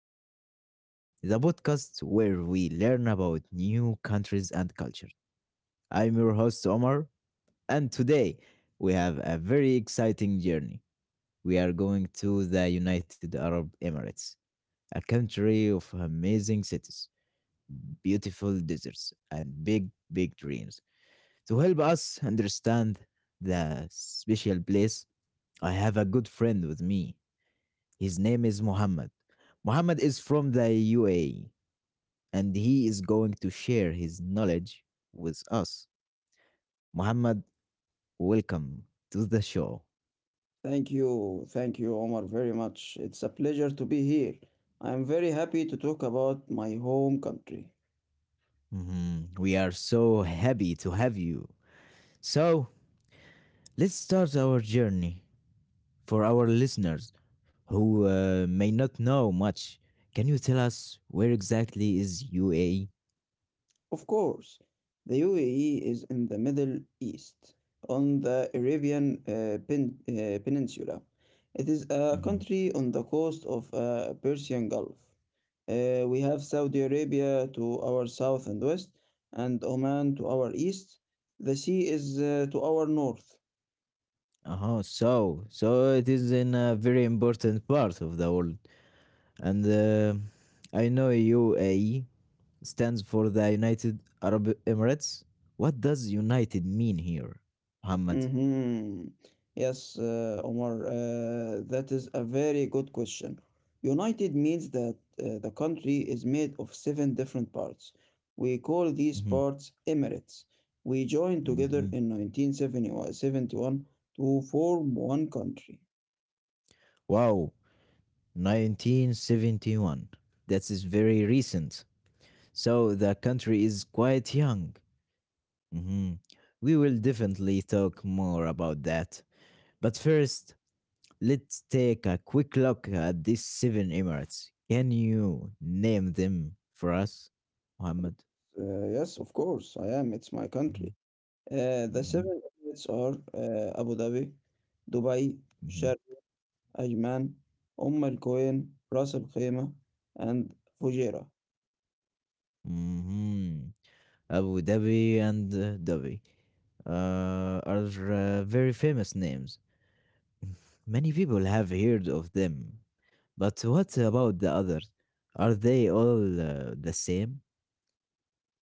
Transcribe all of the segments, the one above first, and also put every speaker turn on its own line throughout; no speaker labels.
Explorers, the podcast where we learn about new countries and culture. I'm your host Omar, and today we have a very exciting journey. We are going to the United Arab Emirates, a country of amazing cities, beautiful deserts, and big, big dreams. To help us understand the special place, I have a good friend with me. His name is Muhammad. Muhammad is from the UAE and he is going to share his knowledge with us. Muhammad, welcome to the show.
Thank you. Thank you, Omar, very much. It's a pleasure to be here. I am very happy to talk about my home country.
Mhm. We are so happy to have you. So, let's start our journey. For our listeners who may not know much, can you tell us where exactly is UAE?
Of course, the UAE is in the Middle East, on the Arabian Peninsula. It is a
Mm-hmm.
country on the coast of Persian Gulf. We have Saudi Arabia to our south and west, and Oman to our east. The sea is to our north.
Uh-huh. So, so it is in a very important part of the world. And I know UAE stands for the United Arab Emirates. What does United mean here, Muhammad?
Mhm. Yes, Omar, that is a very good question. United means that the country is made of seven different parts. We call these
Mhm,
parts emirates. We joined together
mhm.
in 1971 to form one country.
Wow, 1971. That is very recent. So the country is quite young. Mhm. We will definitely talk more about that. But first, let's take a quick look at these seven Emirates. Can you name them for us, Muhammad?
Yes, of course, I am. It's my
Mm-hmm.
country. The
Mhm,
seven emirates are Abu Dhabi, Dubai, Sharm
mhm,
أيمان، أم القوين، راس الخيمة، and فجيرة.
mhm. Abu Dhabi and Dhabi are very famous names. Many people have heard of them. But what about the others? Are they all the same?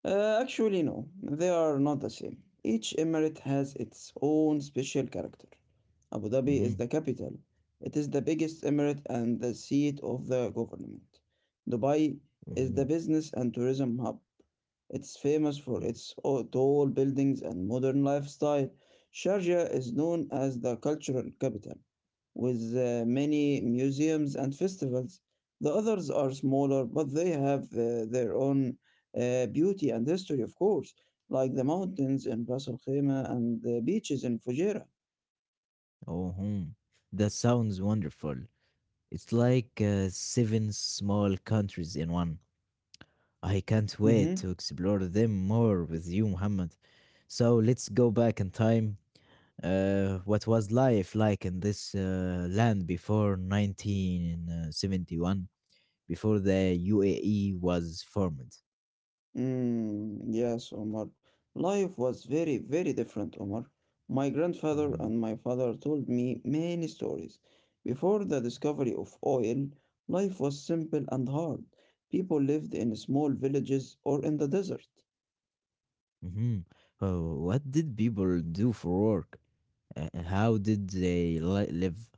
Actually, no, they are not the same. Each emirate has its own special character. Abu Dhabi is
Mm-hmm.
the capital, it is the biggest emirate and the seat of the government. Dubai is
Mm-hmm.
the business and tourism hub. It's famous for its tall buildings and modern lifestyle. Sharjah is known as the cultural capital, with many museums and festivals. The others are smaller, but they have their own beauty and history, of course, like the mountains in Ras Al Khaimah and the beaches in Fujairah.
Oh, hmm, that sounds wonderful. It's like seven small countries in one. I can't wait
Mm-hmm.
to explore them more with you, Muhammad. So let's go back in time. What was life like in this land before 1971, before the UAE was formed?
Mm, yes, Omar. Life was very, very different, Omar. My grandfather
Hmm.
and my father told me many stories. Before the discovery of oil, life was simple and hard. People lived in small villages or in the desert.
Hmm. Oh, what did people do for work? How did they live?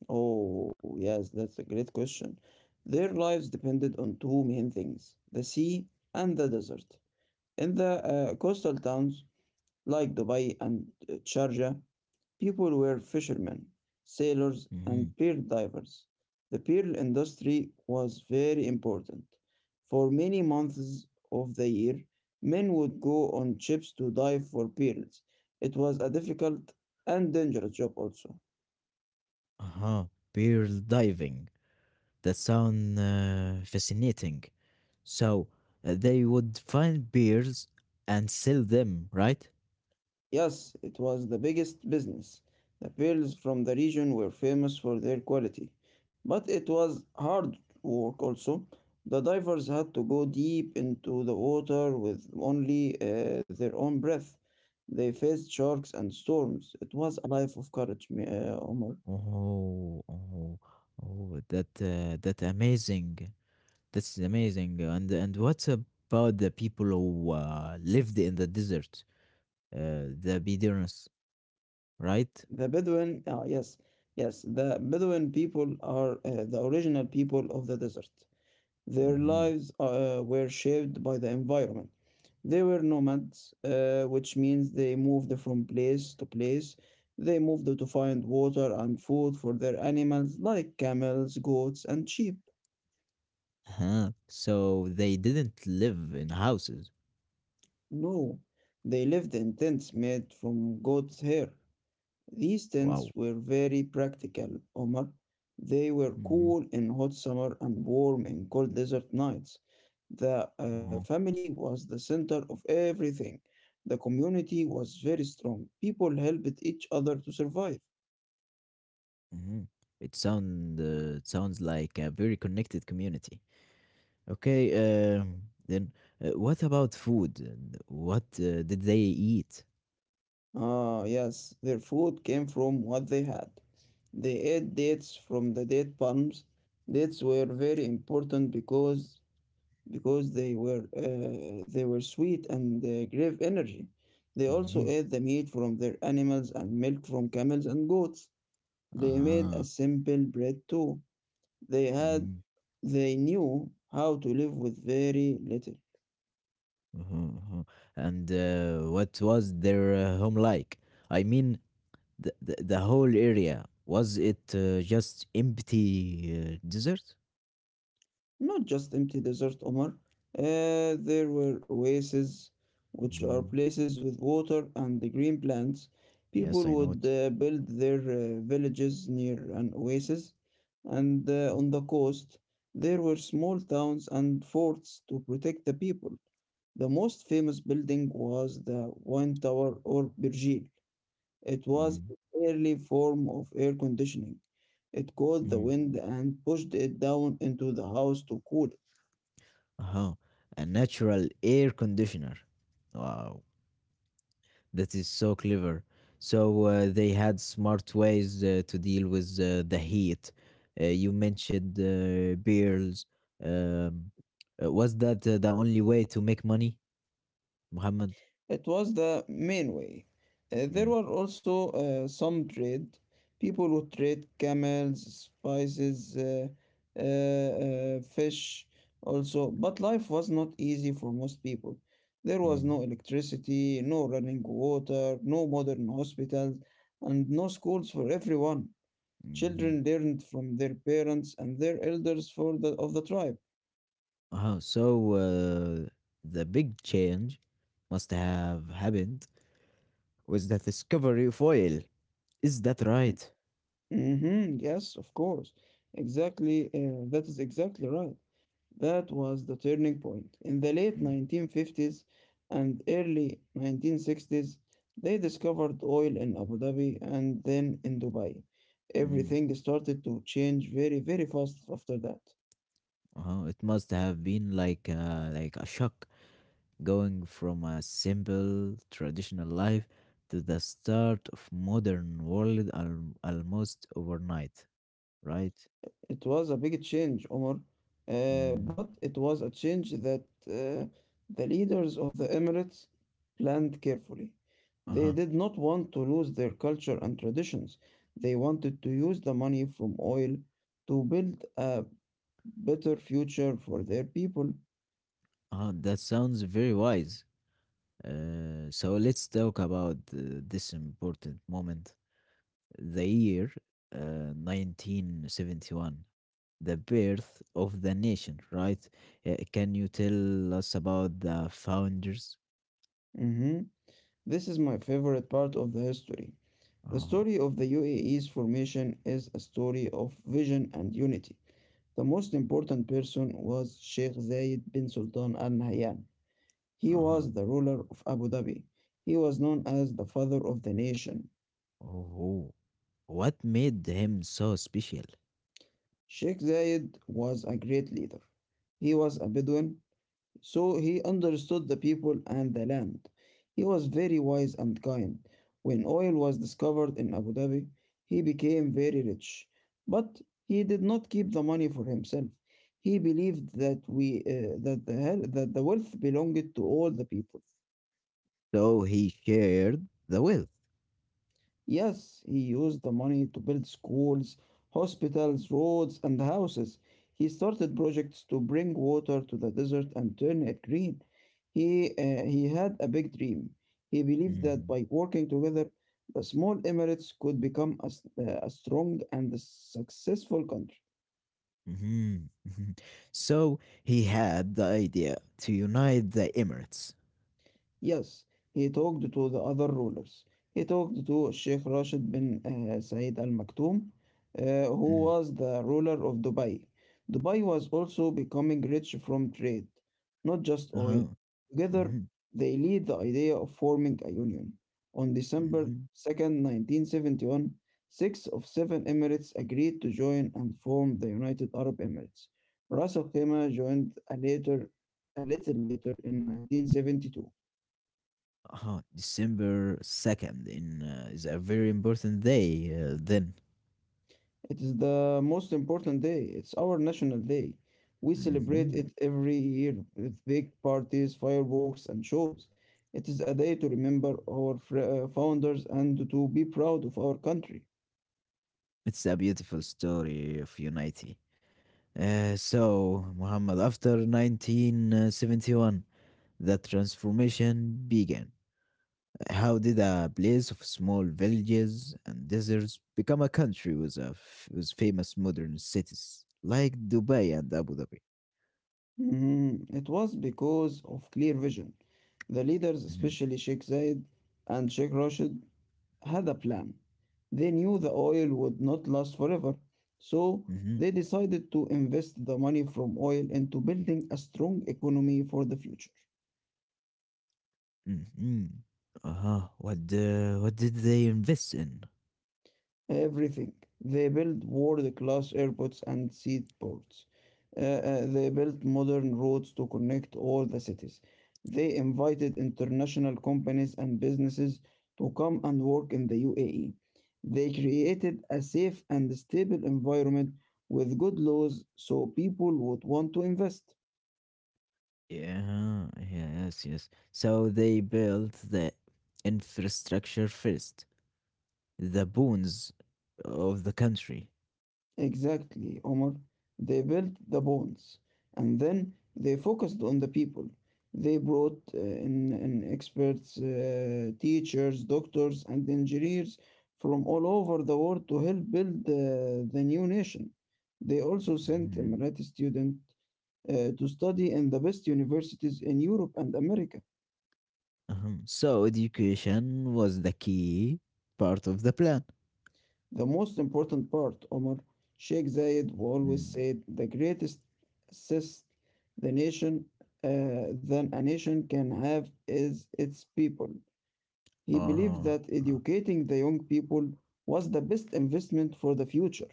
Oh, yes, that's a great question. Their lives depended on two main things, the sea and the desert. In the coastal towns like Dubai and Sharjah, people were fishermen, sailors, and
Hmm.
pearl divers. The pearl industry was very important. For many months of the year, men would go on ships to dive for pearls. It was a difficult and dangerous job also.
Uh-huh. Pearl diving. That sound fascinating. So they would find pearls and sell them, right?
Yes, it was the biggest business. The pearls from the region were famous for their quality. But it was hard work also. The divers had to go deep into the water with only their own breath. They faced sharks and storms. It was a life of courage, Omar.
Oh, oh, oh, that amazing. That's amazing. And what about the people who lived in the desert, the Bedouins, right?
The Bedouin, ah, yes, yes, the Bedouin people are the original people of the desert. Their
Mm-hmm.
lives were shaped by the environment. They were nomads, which means they moved from place to place. They moved to find water and food for their animals, like camels, goats, and sheep.
Huh. So they didn't live in houses.
No, they lived in tents made from goat's hair. These
Wow.
tents were very practical, Omar. They were
Mm-hmm.
cool in hot summer and warm in cold desert nights. The
Uh-huh.
family was the center of everything. The community was very strong. People helped each other to survive.
Mm-hmm. It sound it sounds like a very connected community. Okay. Um. Then, what about food? What did they eat?
Ah, yes, their food came from what they had. They ate dates from the date palms. Dates were very important because they were sweet and gave energy. They also
Mm-hmm.
ate the meat from their animals and milk from camels and goats. They made a
Uh-huh.
simple bread too. They had
Mhm,
they knew how to live with very little.
mhm, mhm. And what was their home like? I mean, the whole area, was it just empty desert?
Not just empty desert, Omar. There were oases, which are
Mm,
places with water and the green plants.
yes, I
People
know
would
it.
build their villages near an oasis, and on the coast, there were small towns and forts to protect the people. The most famous building was the Wine Tower or Birjil. It was
Mm,
an early form of air conditioning. It caught the
mm.
wind and pushed it down into the house to cool.
Uh-huh. A natural air conditioner. Wow, that is so clever. So they had smart ways to deal with the heat. You mentioned beers. Um, was that the only way to make money? Muhammad.
It was the main way. There
Mm,
were also some trade. People would trade camels, spices, fish also. But life was not easy for most people. There was no
mm,
electricity, no running water, no modern hospitals, and no schools for everyone.
mhm.
Children learned from their parents and their elders of the tribe.
Uh-huh. So the big change must have happened with the discovery of oil. Is that right?
Hmm, yes, of course. Exactly. That is exactly right. That was the turning point. In the late
Mm,
1950s and early 1960s, they discovered oil in Abu Dhabi and then in Dubai.
mm.
Everything started to change very, very fast after that.
Uh-huh. It must have been like a shock going from a simple traditional life to the start of modern world almost overnight, right?
It was a big change, Omar,
Mm.
but it was a change that the leaders of the Emirates planned carefully. They
Uh-huh.
did not want to lose their culture and traditions. They wanted to use the money from oil to build a better future for their people.
Uh-huh. That sounds very wise. So let's talk about this important moment, the year 1971, the birth of the nation, right? Can you tell us about the founders?
Mhm. This is my favorite part of the history. The
Uh-huh.
story of the UAE's formation is a story of vision and unity. The most important person was Sheikh Zayed bin Sultan Al Nahyan. He
Uh-huh.
was the ruler of Abu Dhabi. He was known as the father of the nation.
Oh, what made him so special?
Sheikh Zayed was a great leader. He was a Bedouin, so he understood the people and the land. He was very wise and kind. When oil was discovered in Abu Dhabi, he became very rich. But he did not keep the money for himself. He believed that we that the hel- that the wealth belonged to all the people.
So he shared the wealth.
Yes, he used the money to build schools, hospitals, roads, and houses. He started projects to bring water to the desert and turn it green. He had a big dream. He believed that
Mhm,
by working together, the small emirates could become a strong and successful country.
mhm, mhm. So he had the idea to unite the Emirates.
Yes, he talked to the other rulers. He talked to Sheikh Rashid bin Said Al Maktoum, who
Mm.
was the ruler of Dubai. Dubai was also becoming rich from trade, not just oil.
Uh-huh.
Together,
Mhm,
they lead the idea of forming a union. On
mhm.
December 2nd, 1971, six of seven Emirates agreed to join and form the United Arab Emirates. Ras Al Khaimah joined a little later in 1972.
December 2nd in is a very important day then.
It is the most important day. It's our national day. We celebrate
Mhm.
it every year with big parties, fireworks, and shows. It is a day to remember our founders and to be proud of our country.
It's a beautiful story of unity. So, Muhammad, after 1971, the transformation began. How did a place of small villages and deserts become a country with, with famous modern cities like Dubai and Abu Dhabi?
Mhm. It was because of clear vision. The leaders,
Hmm.
especially Sheikh Zayed and Sheikh Rashid, had a plan. They knew the oil would not last forever, so
Hmm.
they decided to invest the money from oil into building a strong economy for the future.
Hmm. Uh-huh. What did they invest in?
Everything. They built world-class airports and seaports. They built modern roads to connect all the cities. They invited international companies and businesses to come and work in the UAE. They created a safe and stable environment with good laws so people would want to invest.
Yeah, yes, yes. So they built the infrastructure first, the bones of the country.
Exactly, Omar. They built the bonds and then they focused on the people. They brought in experts, teachers, doctors, and engineers from all over the world to help build the new nation. They also sent
Mhm.
Emirati students to study in the best universities in Europe and America.
Uh-huh. So education was the key part of the plan.
The most important part, Omar, Sheikh Zayed always
Mm.
said the greatest assist the nation than a nation can have is its people. He believed
Uh-huh.
that
uh.
educating the young people was the best investment for the future.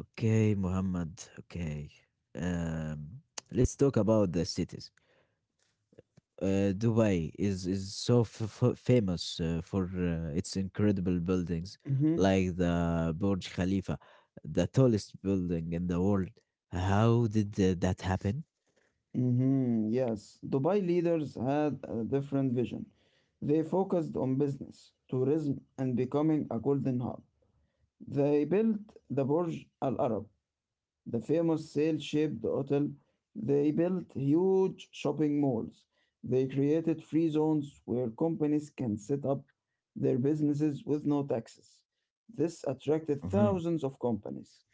Okay, Muhammad. Okay. Um, let's talk about the cities. Dubai is so famous for its incredible buildings,
Mm-hmm.
like the Burj Khalifa, the tallest building in the world. How did that happen?
Mm-hmm. Yes, Dubai leaders had a different vision. They focused on business, tourism, and becoming a golden hub. They built the Burj Al Arab, the famous sail-shaped hotel. They built huge shopping malls. They created free zones where companies can set up their businesses with no taxes. This attracted
Uh huh.
thousands of companies.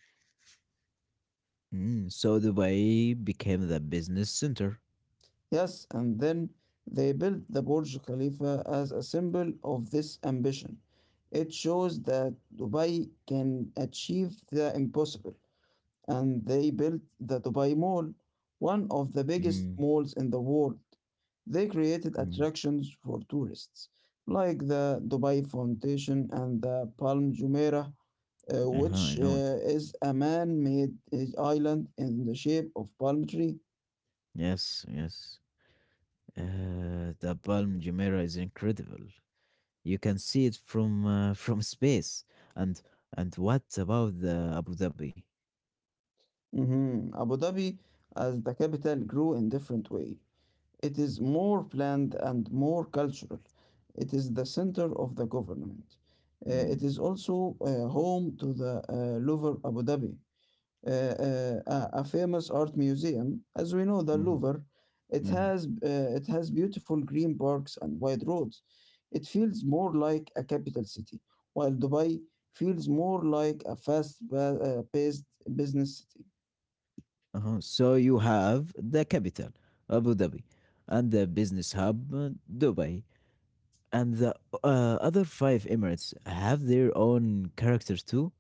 Mm, so Dubai became the business center.
Yes, and then they built the Burj Khalifa as a symbol of this ambition. It shows that Dubai can achieve the impossible. And they built the Dubai Mall, one of the biggest
Mm,
malls in the world. They created
mm.
attractions for tourists, like the Dubai Fountain and the Palm Jumeirah,
Uh-huh, I
which
know it.
is a man-made island in the shape of palm tree.
Yes, yes. The Palm Jumeirah is incredible. You can see it from from space. And and what about the Abu Dhabi?
Mhm. Abu Dhabi, as the capital, grew in different way. It is more planned and more cultural. It is the center of the government. Uh,
Mm,
it is also home to the Louvre Abu Dhabi, uh, uh, a famous art museum. As we know, the
mhm,
Louvre, it
mhm.
has beautiful green parks and wide roads. It feels more like a capital city, while Dubai feels more like a fast-paced business city.
Uh-huh. So you have the capital, Abu Dhabi, and the business hub, Dubai, and the other five emirates have their own characters too.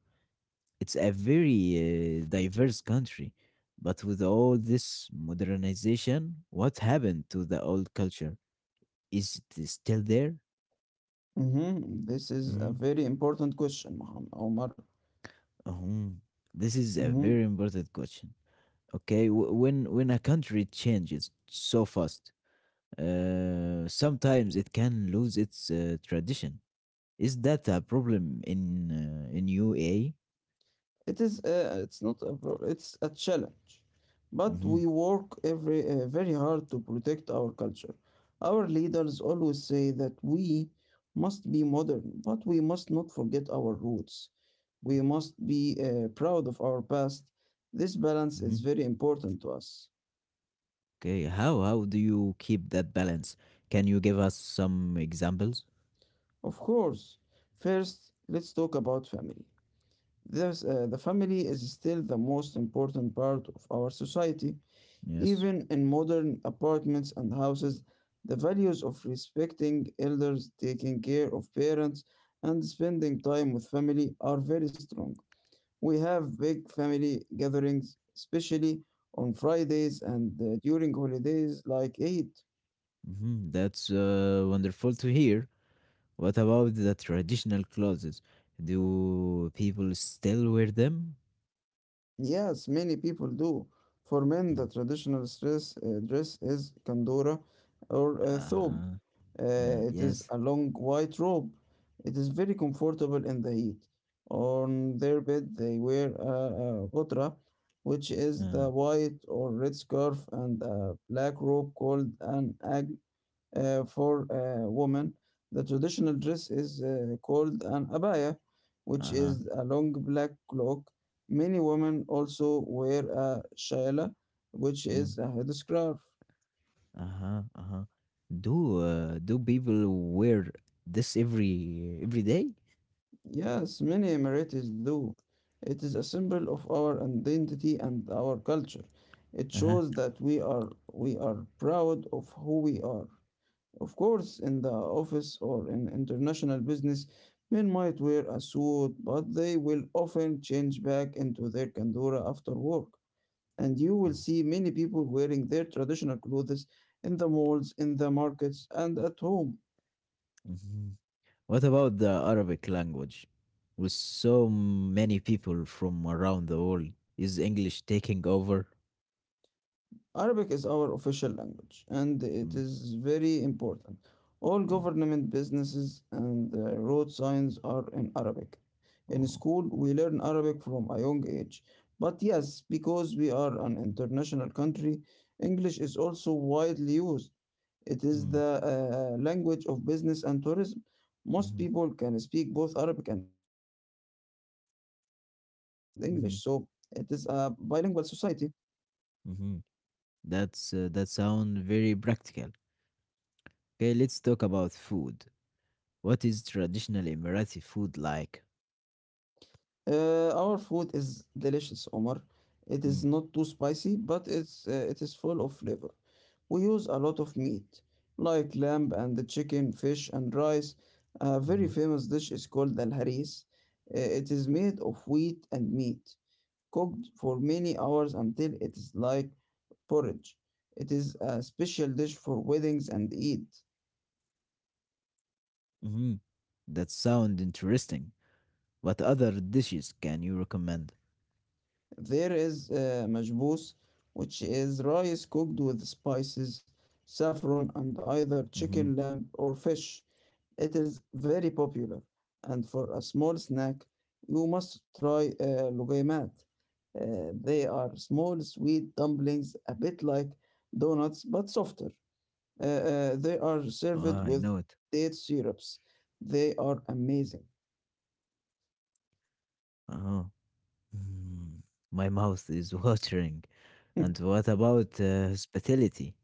It's a very diverse country, but with all this modernization, what happened to the old culture? Is it still there?
Mhm. This is a
Mhm.
very important question, Muhammad Omar.
Mhm. This is a
Mm-hmm.
very important question. Okay, when a country changes so fast, sometimes it can lose its tradition. Is that a problem in UAE?
It is it's not it's a challenge, but
Mm-hmm.
we work every very hard to protect our culture. Our leaders always say that we must be modern, but we must not forget our roots. We must be proud of our past. This balance is
Mm-hmm.
very important to us.
Okay, how do you keep that balance? Can you give us some examples?
Of course, first let's talk about family. The family is still the most important part of our society.
Yes.
Even in modern apartments and houses, the values of respecting elders, taking care of parents, and spending time with family are very strong. We have big family gatherings, especially on Fridays and during holidays like Eid.
Hmm. That's wonderful to hear. What about the traditional clothes? Do people still wear them?
Yes, many people do. For men,
Mhm.
the traditional dress is kandura or thobe.
Uh-huh.
It is
Yes.
a long white robe. It is very comfortable in the heat. On their bed, they wear a gotra, which is
Uh,
the white or red scarf, and a black robe called an agla for women. The traditional dress is called an abaya, which
uh-huh.
is a long black cloak. Many women also wear a shaila, which
Mm.
is a headscarf.
Uh-huh. Uh-huh. Do do people wear this every day?
Yes, many Emiratis do. It is a symbol of our identity and our culture. It
Uh-huh.
shows that we are proud of who we are. Of course, in the office or in international business, men might wear a suit, but they will often change back into their kandura after work. And you will see many people wearing their traditional clothes in the malls, in the markets, and at home.
Mm-hmm. What about the Arabic language? With so many people from around the world, is English taking over?
Arabic is our official language and it is very important. All
Mm-hmm.
government businesses and road signs are in Arabic. In
Uh-huh.
school, we learn Arabic from a young age. But yes, because we are an international country, English is also widely used. It is
Mm.
the language of business and tourism. Most
Mhm,
people can speak both Arabic and English, so it is a bilingual society.
mhm, mhm. That's that sound very practical. Okay, let's talk about food. What is traditional Emirati food like?
Our food is delicious, Omar. It is
Mm,
not too spicy, but it is full of flavor. We use a lot of meat, like lamb and the chicken, fish and rice. A very
mhm,
famous dish is called al haris. It is made of wheat and meat, cooked for many hours until it is like porridge. It is a special dish for weddings and Eid.
mhm. That sound interesting. What other dishes can you recommend?
There is majboos, which is rice cooked with spices, saffron, and either
Mm-hmm.
chicken, lamb, or fish. It is very popular, and for a small snack, you must try lugaimat. Uh, they are small, sweet dumplings, a bit like donuts but softer. They are
Oh,
served
I
with
know it.
date syrups. They are amazing.
Uh-huh. Mm, my mouth is watering. And what about hospitality?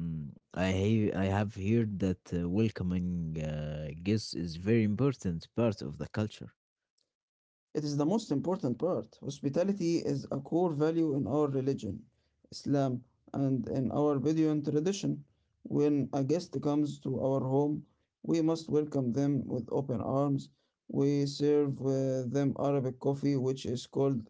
Mm, I have heard that welcoming guests is very important part of the culture.
It is the most important part. Hospitality is a core value in our religion, Islam, and in our Bedouin tradition. When a guest comes to our home, we must welcome them with open arms. We serve them Arabic coffee, which is called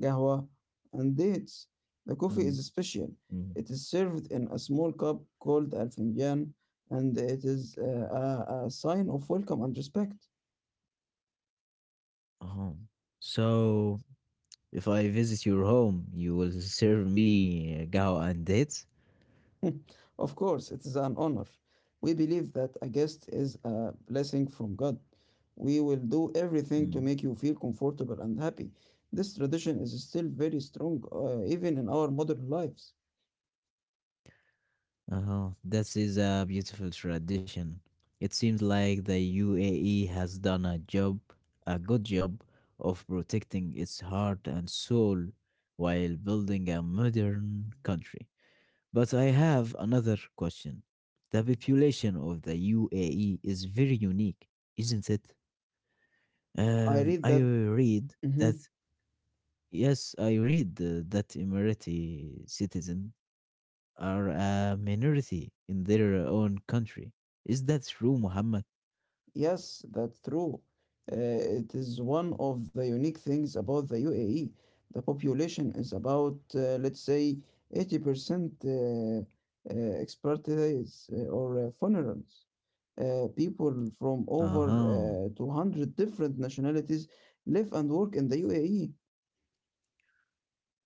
gahwa, and dates. The coffee
Mm,
is special.
mm,
It is served in a small cup called al finjan, and it is a sign of welcome and respect.
uh-huh. So if I visit your home, you will serve me gao and dates?
Of course, it is an honor. We believe that a guest is a blessing from God. We will do everything to
Mm.
make you feel comfortable and happy. This tradition is still very strong, even in our modern lives.
Uh-huh. This is a beautiful tradition. It seems like the UAE has done a job, a good job of protecting its heart and soul while building a modern country. But I have another question. The population of the UAE is very unique, isn't it?
I
Um,
read
I
that.
read that,
Mhm.
yes, I read that Emirati citizen are a minority in their own country. Is that true, Muhammad?
Yes, that's true. It is one of the unique things about the UAE. The population is about, let's say, 80% expatriates or foreigners. People from
Uh
over
huh.
200 different nationalities live and work in the UAE.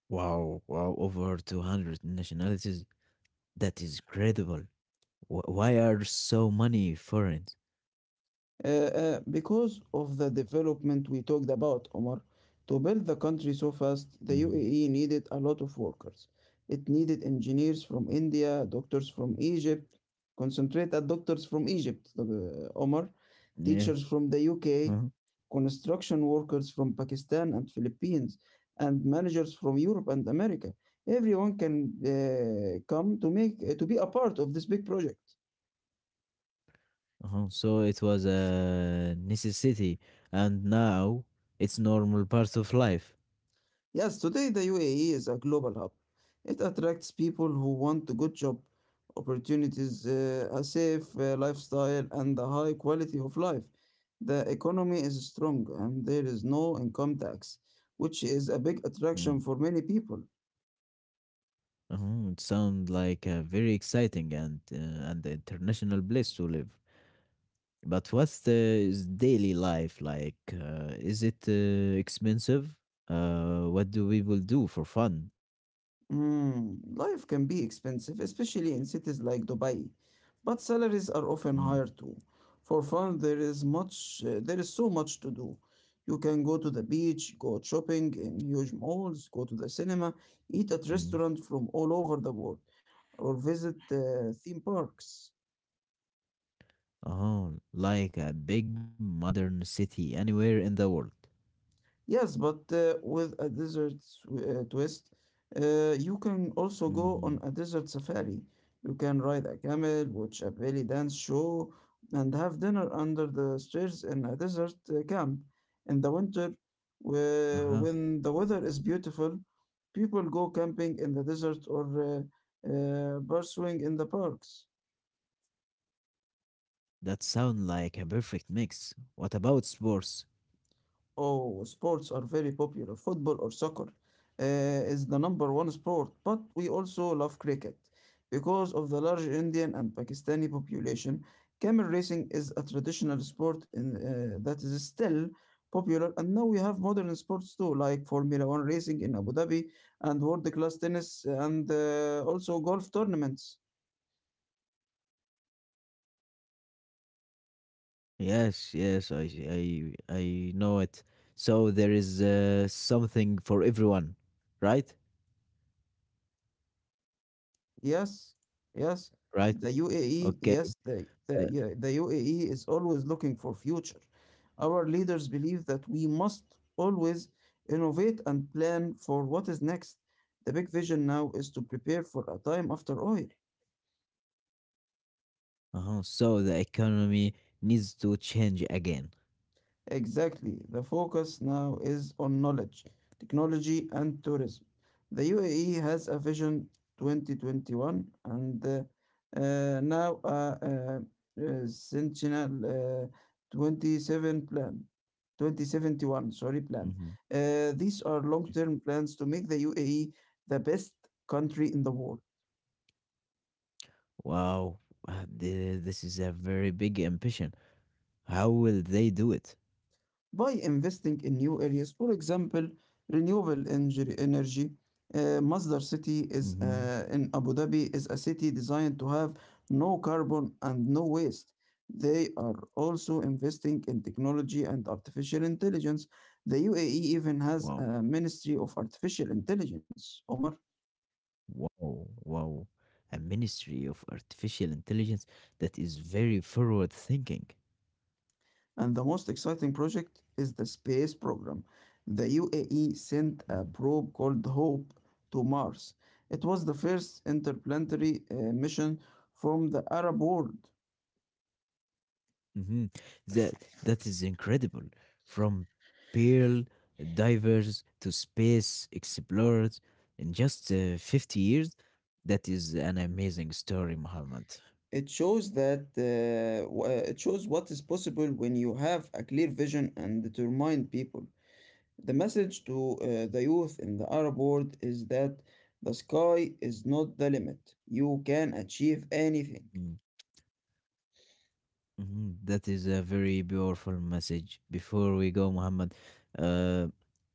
Wow, wow, over 200 nationalities. That is credible. Why are so many foreigners?
Because of the development we talked about, Omar. To build the country so fast, the
Mhm.
UAE needed a lot of workers. It needed engineers from India, doctors from Egypt. Concentrate at doctors from Egypt, Omar.
Yeah.
Teachers from the UK,
Uh-huh.
construction workers from Pakistan and Philippines, and managers from Europe and America. Everyone can come to make to be a part of this big project.
Uh-huh. So it was a necessity, and now it's normal part of life.
Yes, today the UAE is a global hub. It attracts people who want a good job, opportunities, a safe lifestyle, and a high quality of life. The economy is strong and there is no income tax, which is a big attraction
Mm.
for many people.
Uh-huh. It sounds like a very exciting and international place to live. But what's the is daily life like? Is it expensive? What do people do for fun?
Mm, life can be expensive, especially in cities like Dubai, but salaries are often
Mm,
higher too. For fun, there is so much to do. You can go to the beach, go shopping in huge malls, go to the cinema, eat at
mm.
restaurants from all over the world, or visit theme parks.
Oh, like a big modern city anywhere in the world.
Yes, but with a desert twist, you can also go on
Mm,
a desert safari. You can ride a camel, watch a belly dance show, and have dinner under the stars in a desert camp. In the winter,
uh-huh.
when the weather is beautiful, people go camping in the desert or pursuing in the parks.
That sound like a perfect mix. What about sports?
Oh, sports are very popular. Football or soccer uh, is the number one sport, but we also love cricket. Because of the large Indian and Pakistani population, camel racing is a traditional sport that is still popular, and now we have modern sports too, like Formula One racing in Abu Dhabi and world-class tennis and also golf tournaments.
Yes, yes, I know it. So there is something for everyone, right?
Yes, yes.
Right.
The UAE, yes,
Okay.
the, the,
uh,
yeah, The UAE is always looking for future. Our leaders believe that we must always innovate and plan for what is next. The big vision now is to prepare for a time after oil.
Uh-huh. So the economy needs to change again.
Exactly. The focus now is on knowledge, technology, and tourism. The UAE has a vision 2021 and now a Sentinel 27 plan, 2071, sorry, plan.
Hmm.
These are long-term plans to make the UAE the best country in the world.
Wow, this is a very big ambition. How will they do it?
By investing in new areas. For example, renewable energy. Masdar City is
Hmm.
in Abu Dhabi is a city designed to have no carbon and no waste. They are also investing in technology and artificial intelligence. The UAE even has
Wow,
a Ministry of Artificial Intelligence, Omar.
wow, wow. A ministry of artificial intelligence, that is very forward thinking.
And the most exciting project is the space program. The UAE sent a probe called HOPE to Mars. It was the first interplanetary mission from the Arab world.
Hmm. That that is incredible. From pearl divers to space explorers in just 50 years, that is an amazing story, Muhammad.
It shows that it shows what is possible when you have a clear vision and determined people. The message to the youth in the Arab world is that the sky is not the limit. You can achieve anything.
Mm, mhm. That is a very powerful message. Before we go, Muhammad, uh,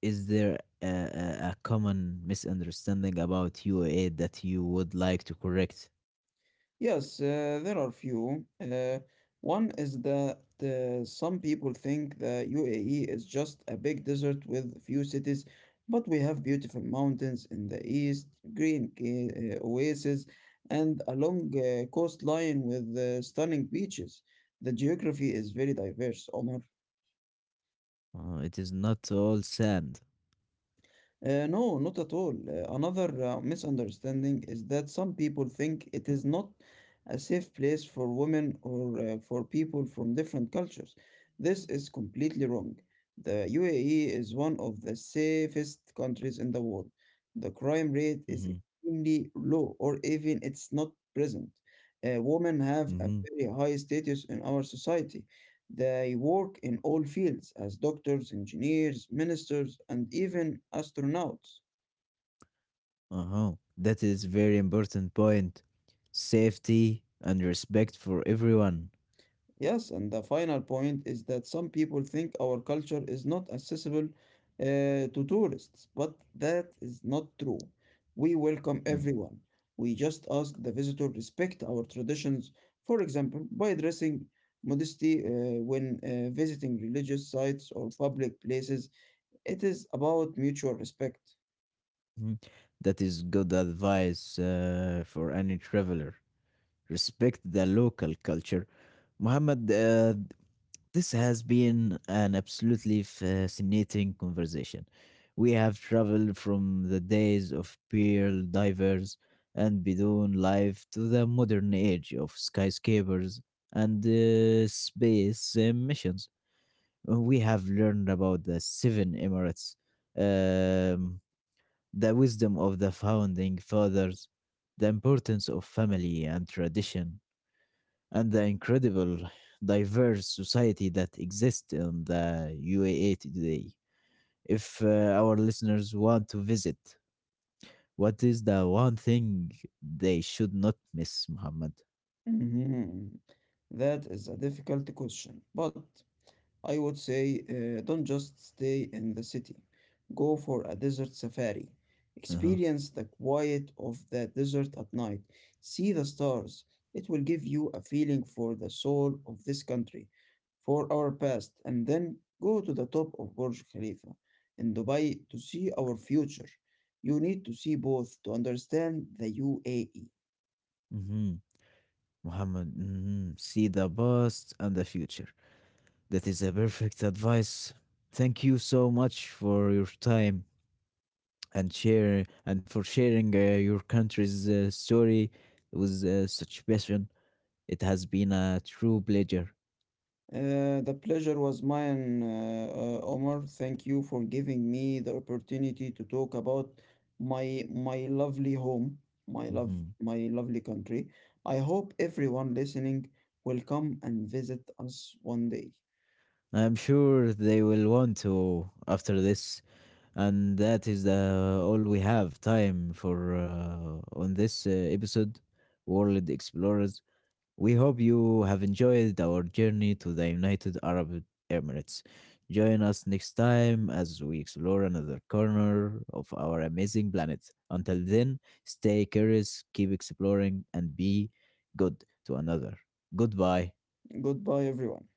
is there a common misunderstanding about UAE that you would like to correct?
Yes, there are few. One is that some people think the UAE is just a big desert with few cities, but we have beautiful mountains in the east, green oases, and a long coastline with stunning beaches. The geography is very diverse, Omar.
It is not all sand.
No, not at all. Another misunderstanding is that some people think it is not a safe place for women or for people from different cultures. This is completely wrong. The UAE is one of the safest countries in the world. The crime rate is
Mm-hmm.
extremely low, or even it's not present. Women have a
Mm-hmm.
very high status in our society. They work in all fields as doctors, engineers, ministers, and even astronauts.
Uh-huh. That is very important point. Safety and respect for everyone.
Yes, and the final point is that some people think our culture is not accessible uh, to tourists, but that is not true. We welcome everyone. We just ask the visitor respect our traditions, for example, by dressing modesty when visiting religious sites or public places. It is about mutual respect.
Mhm. That is good advice for any traveler. Respect the local culture. Muhammad, this has been an absolutely fascinating conversation. We have traveled from the days of pearl divers and Bedouin life to the modern age of skyscrapers and space missions. We have learned about the seven emirates, um, the wisdom of the founding fathers, the importance of family and tradition, and the incredible diverse society that exists in the UAE today. If our listeners want to visit, what is the one thing they should not miss, Muhammad?
Mhm. That is a difficult question, but I would say don't just stay in the city. Go for a desert safari.
Uh-huh.
Experience the quiet of the desert at night. See the stars. It will give you a feeling for the soul of this country, for our past, and then go to the top of Burj Khalifa in Dubai to see our future. You need to see both to understand the UAE.
Hmm. Muhammad, hmm, see the past and the future. That is a perfect advice. Thank you so much for your time and share and for sharing your country's story with such passion. It has been a true pleasure.
The pleasure was mine, Omar. Thank you for giving me the opportunity to talk about my lovely home, my love,
Mhm.
my lovely country. I hope everyone listening will come and visit us one day.
I'm sure they will want to after this, and that is the all we have time for on this episode, World Explorers. We hope you have enjoyed our journey to the United Arab Emirates. Join us next time as we explore another corner of our amazing planet. Until then, stay curious, keep exploring, and be good to another. Goodbye.
Goodbye, everyone.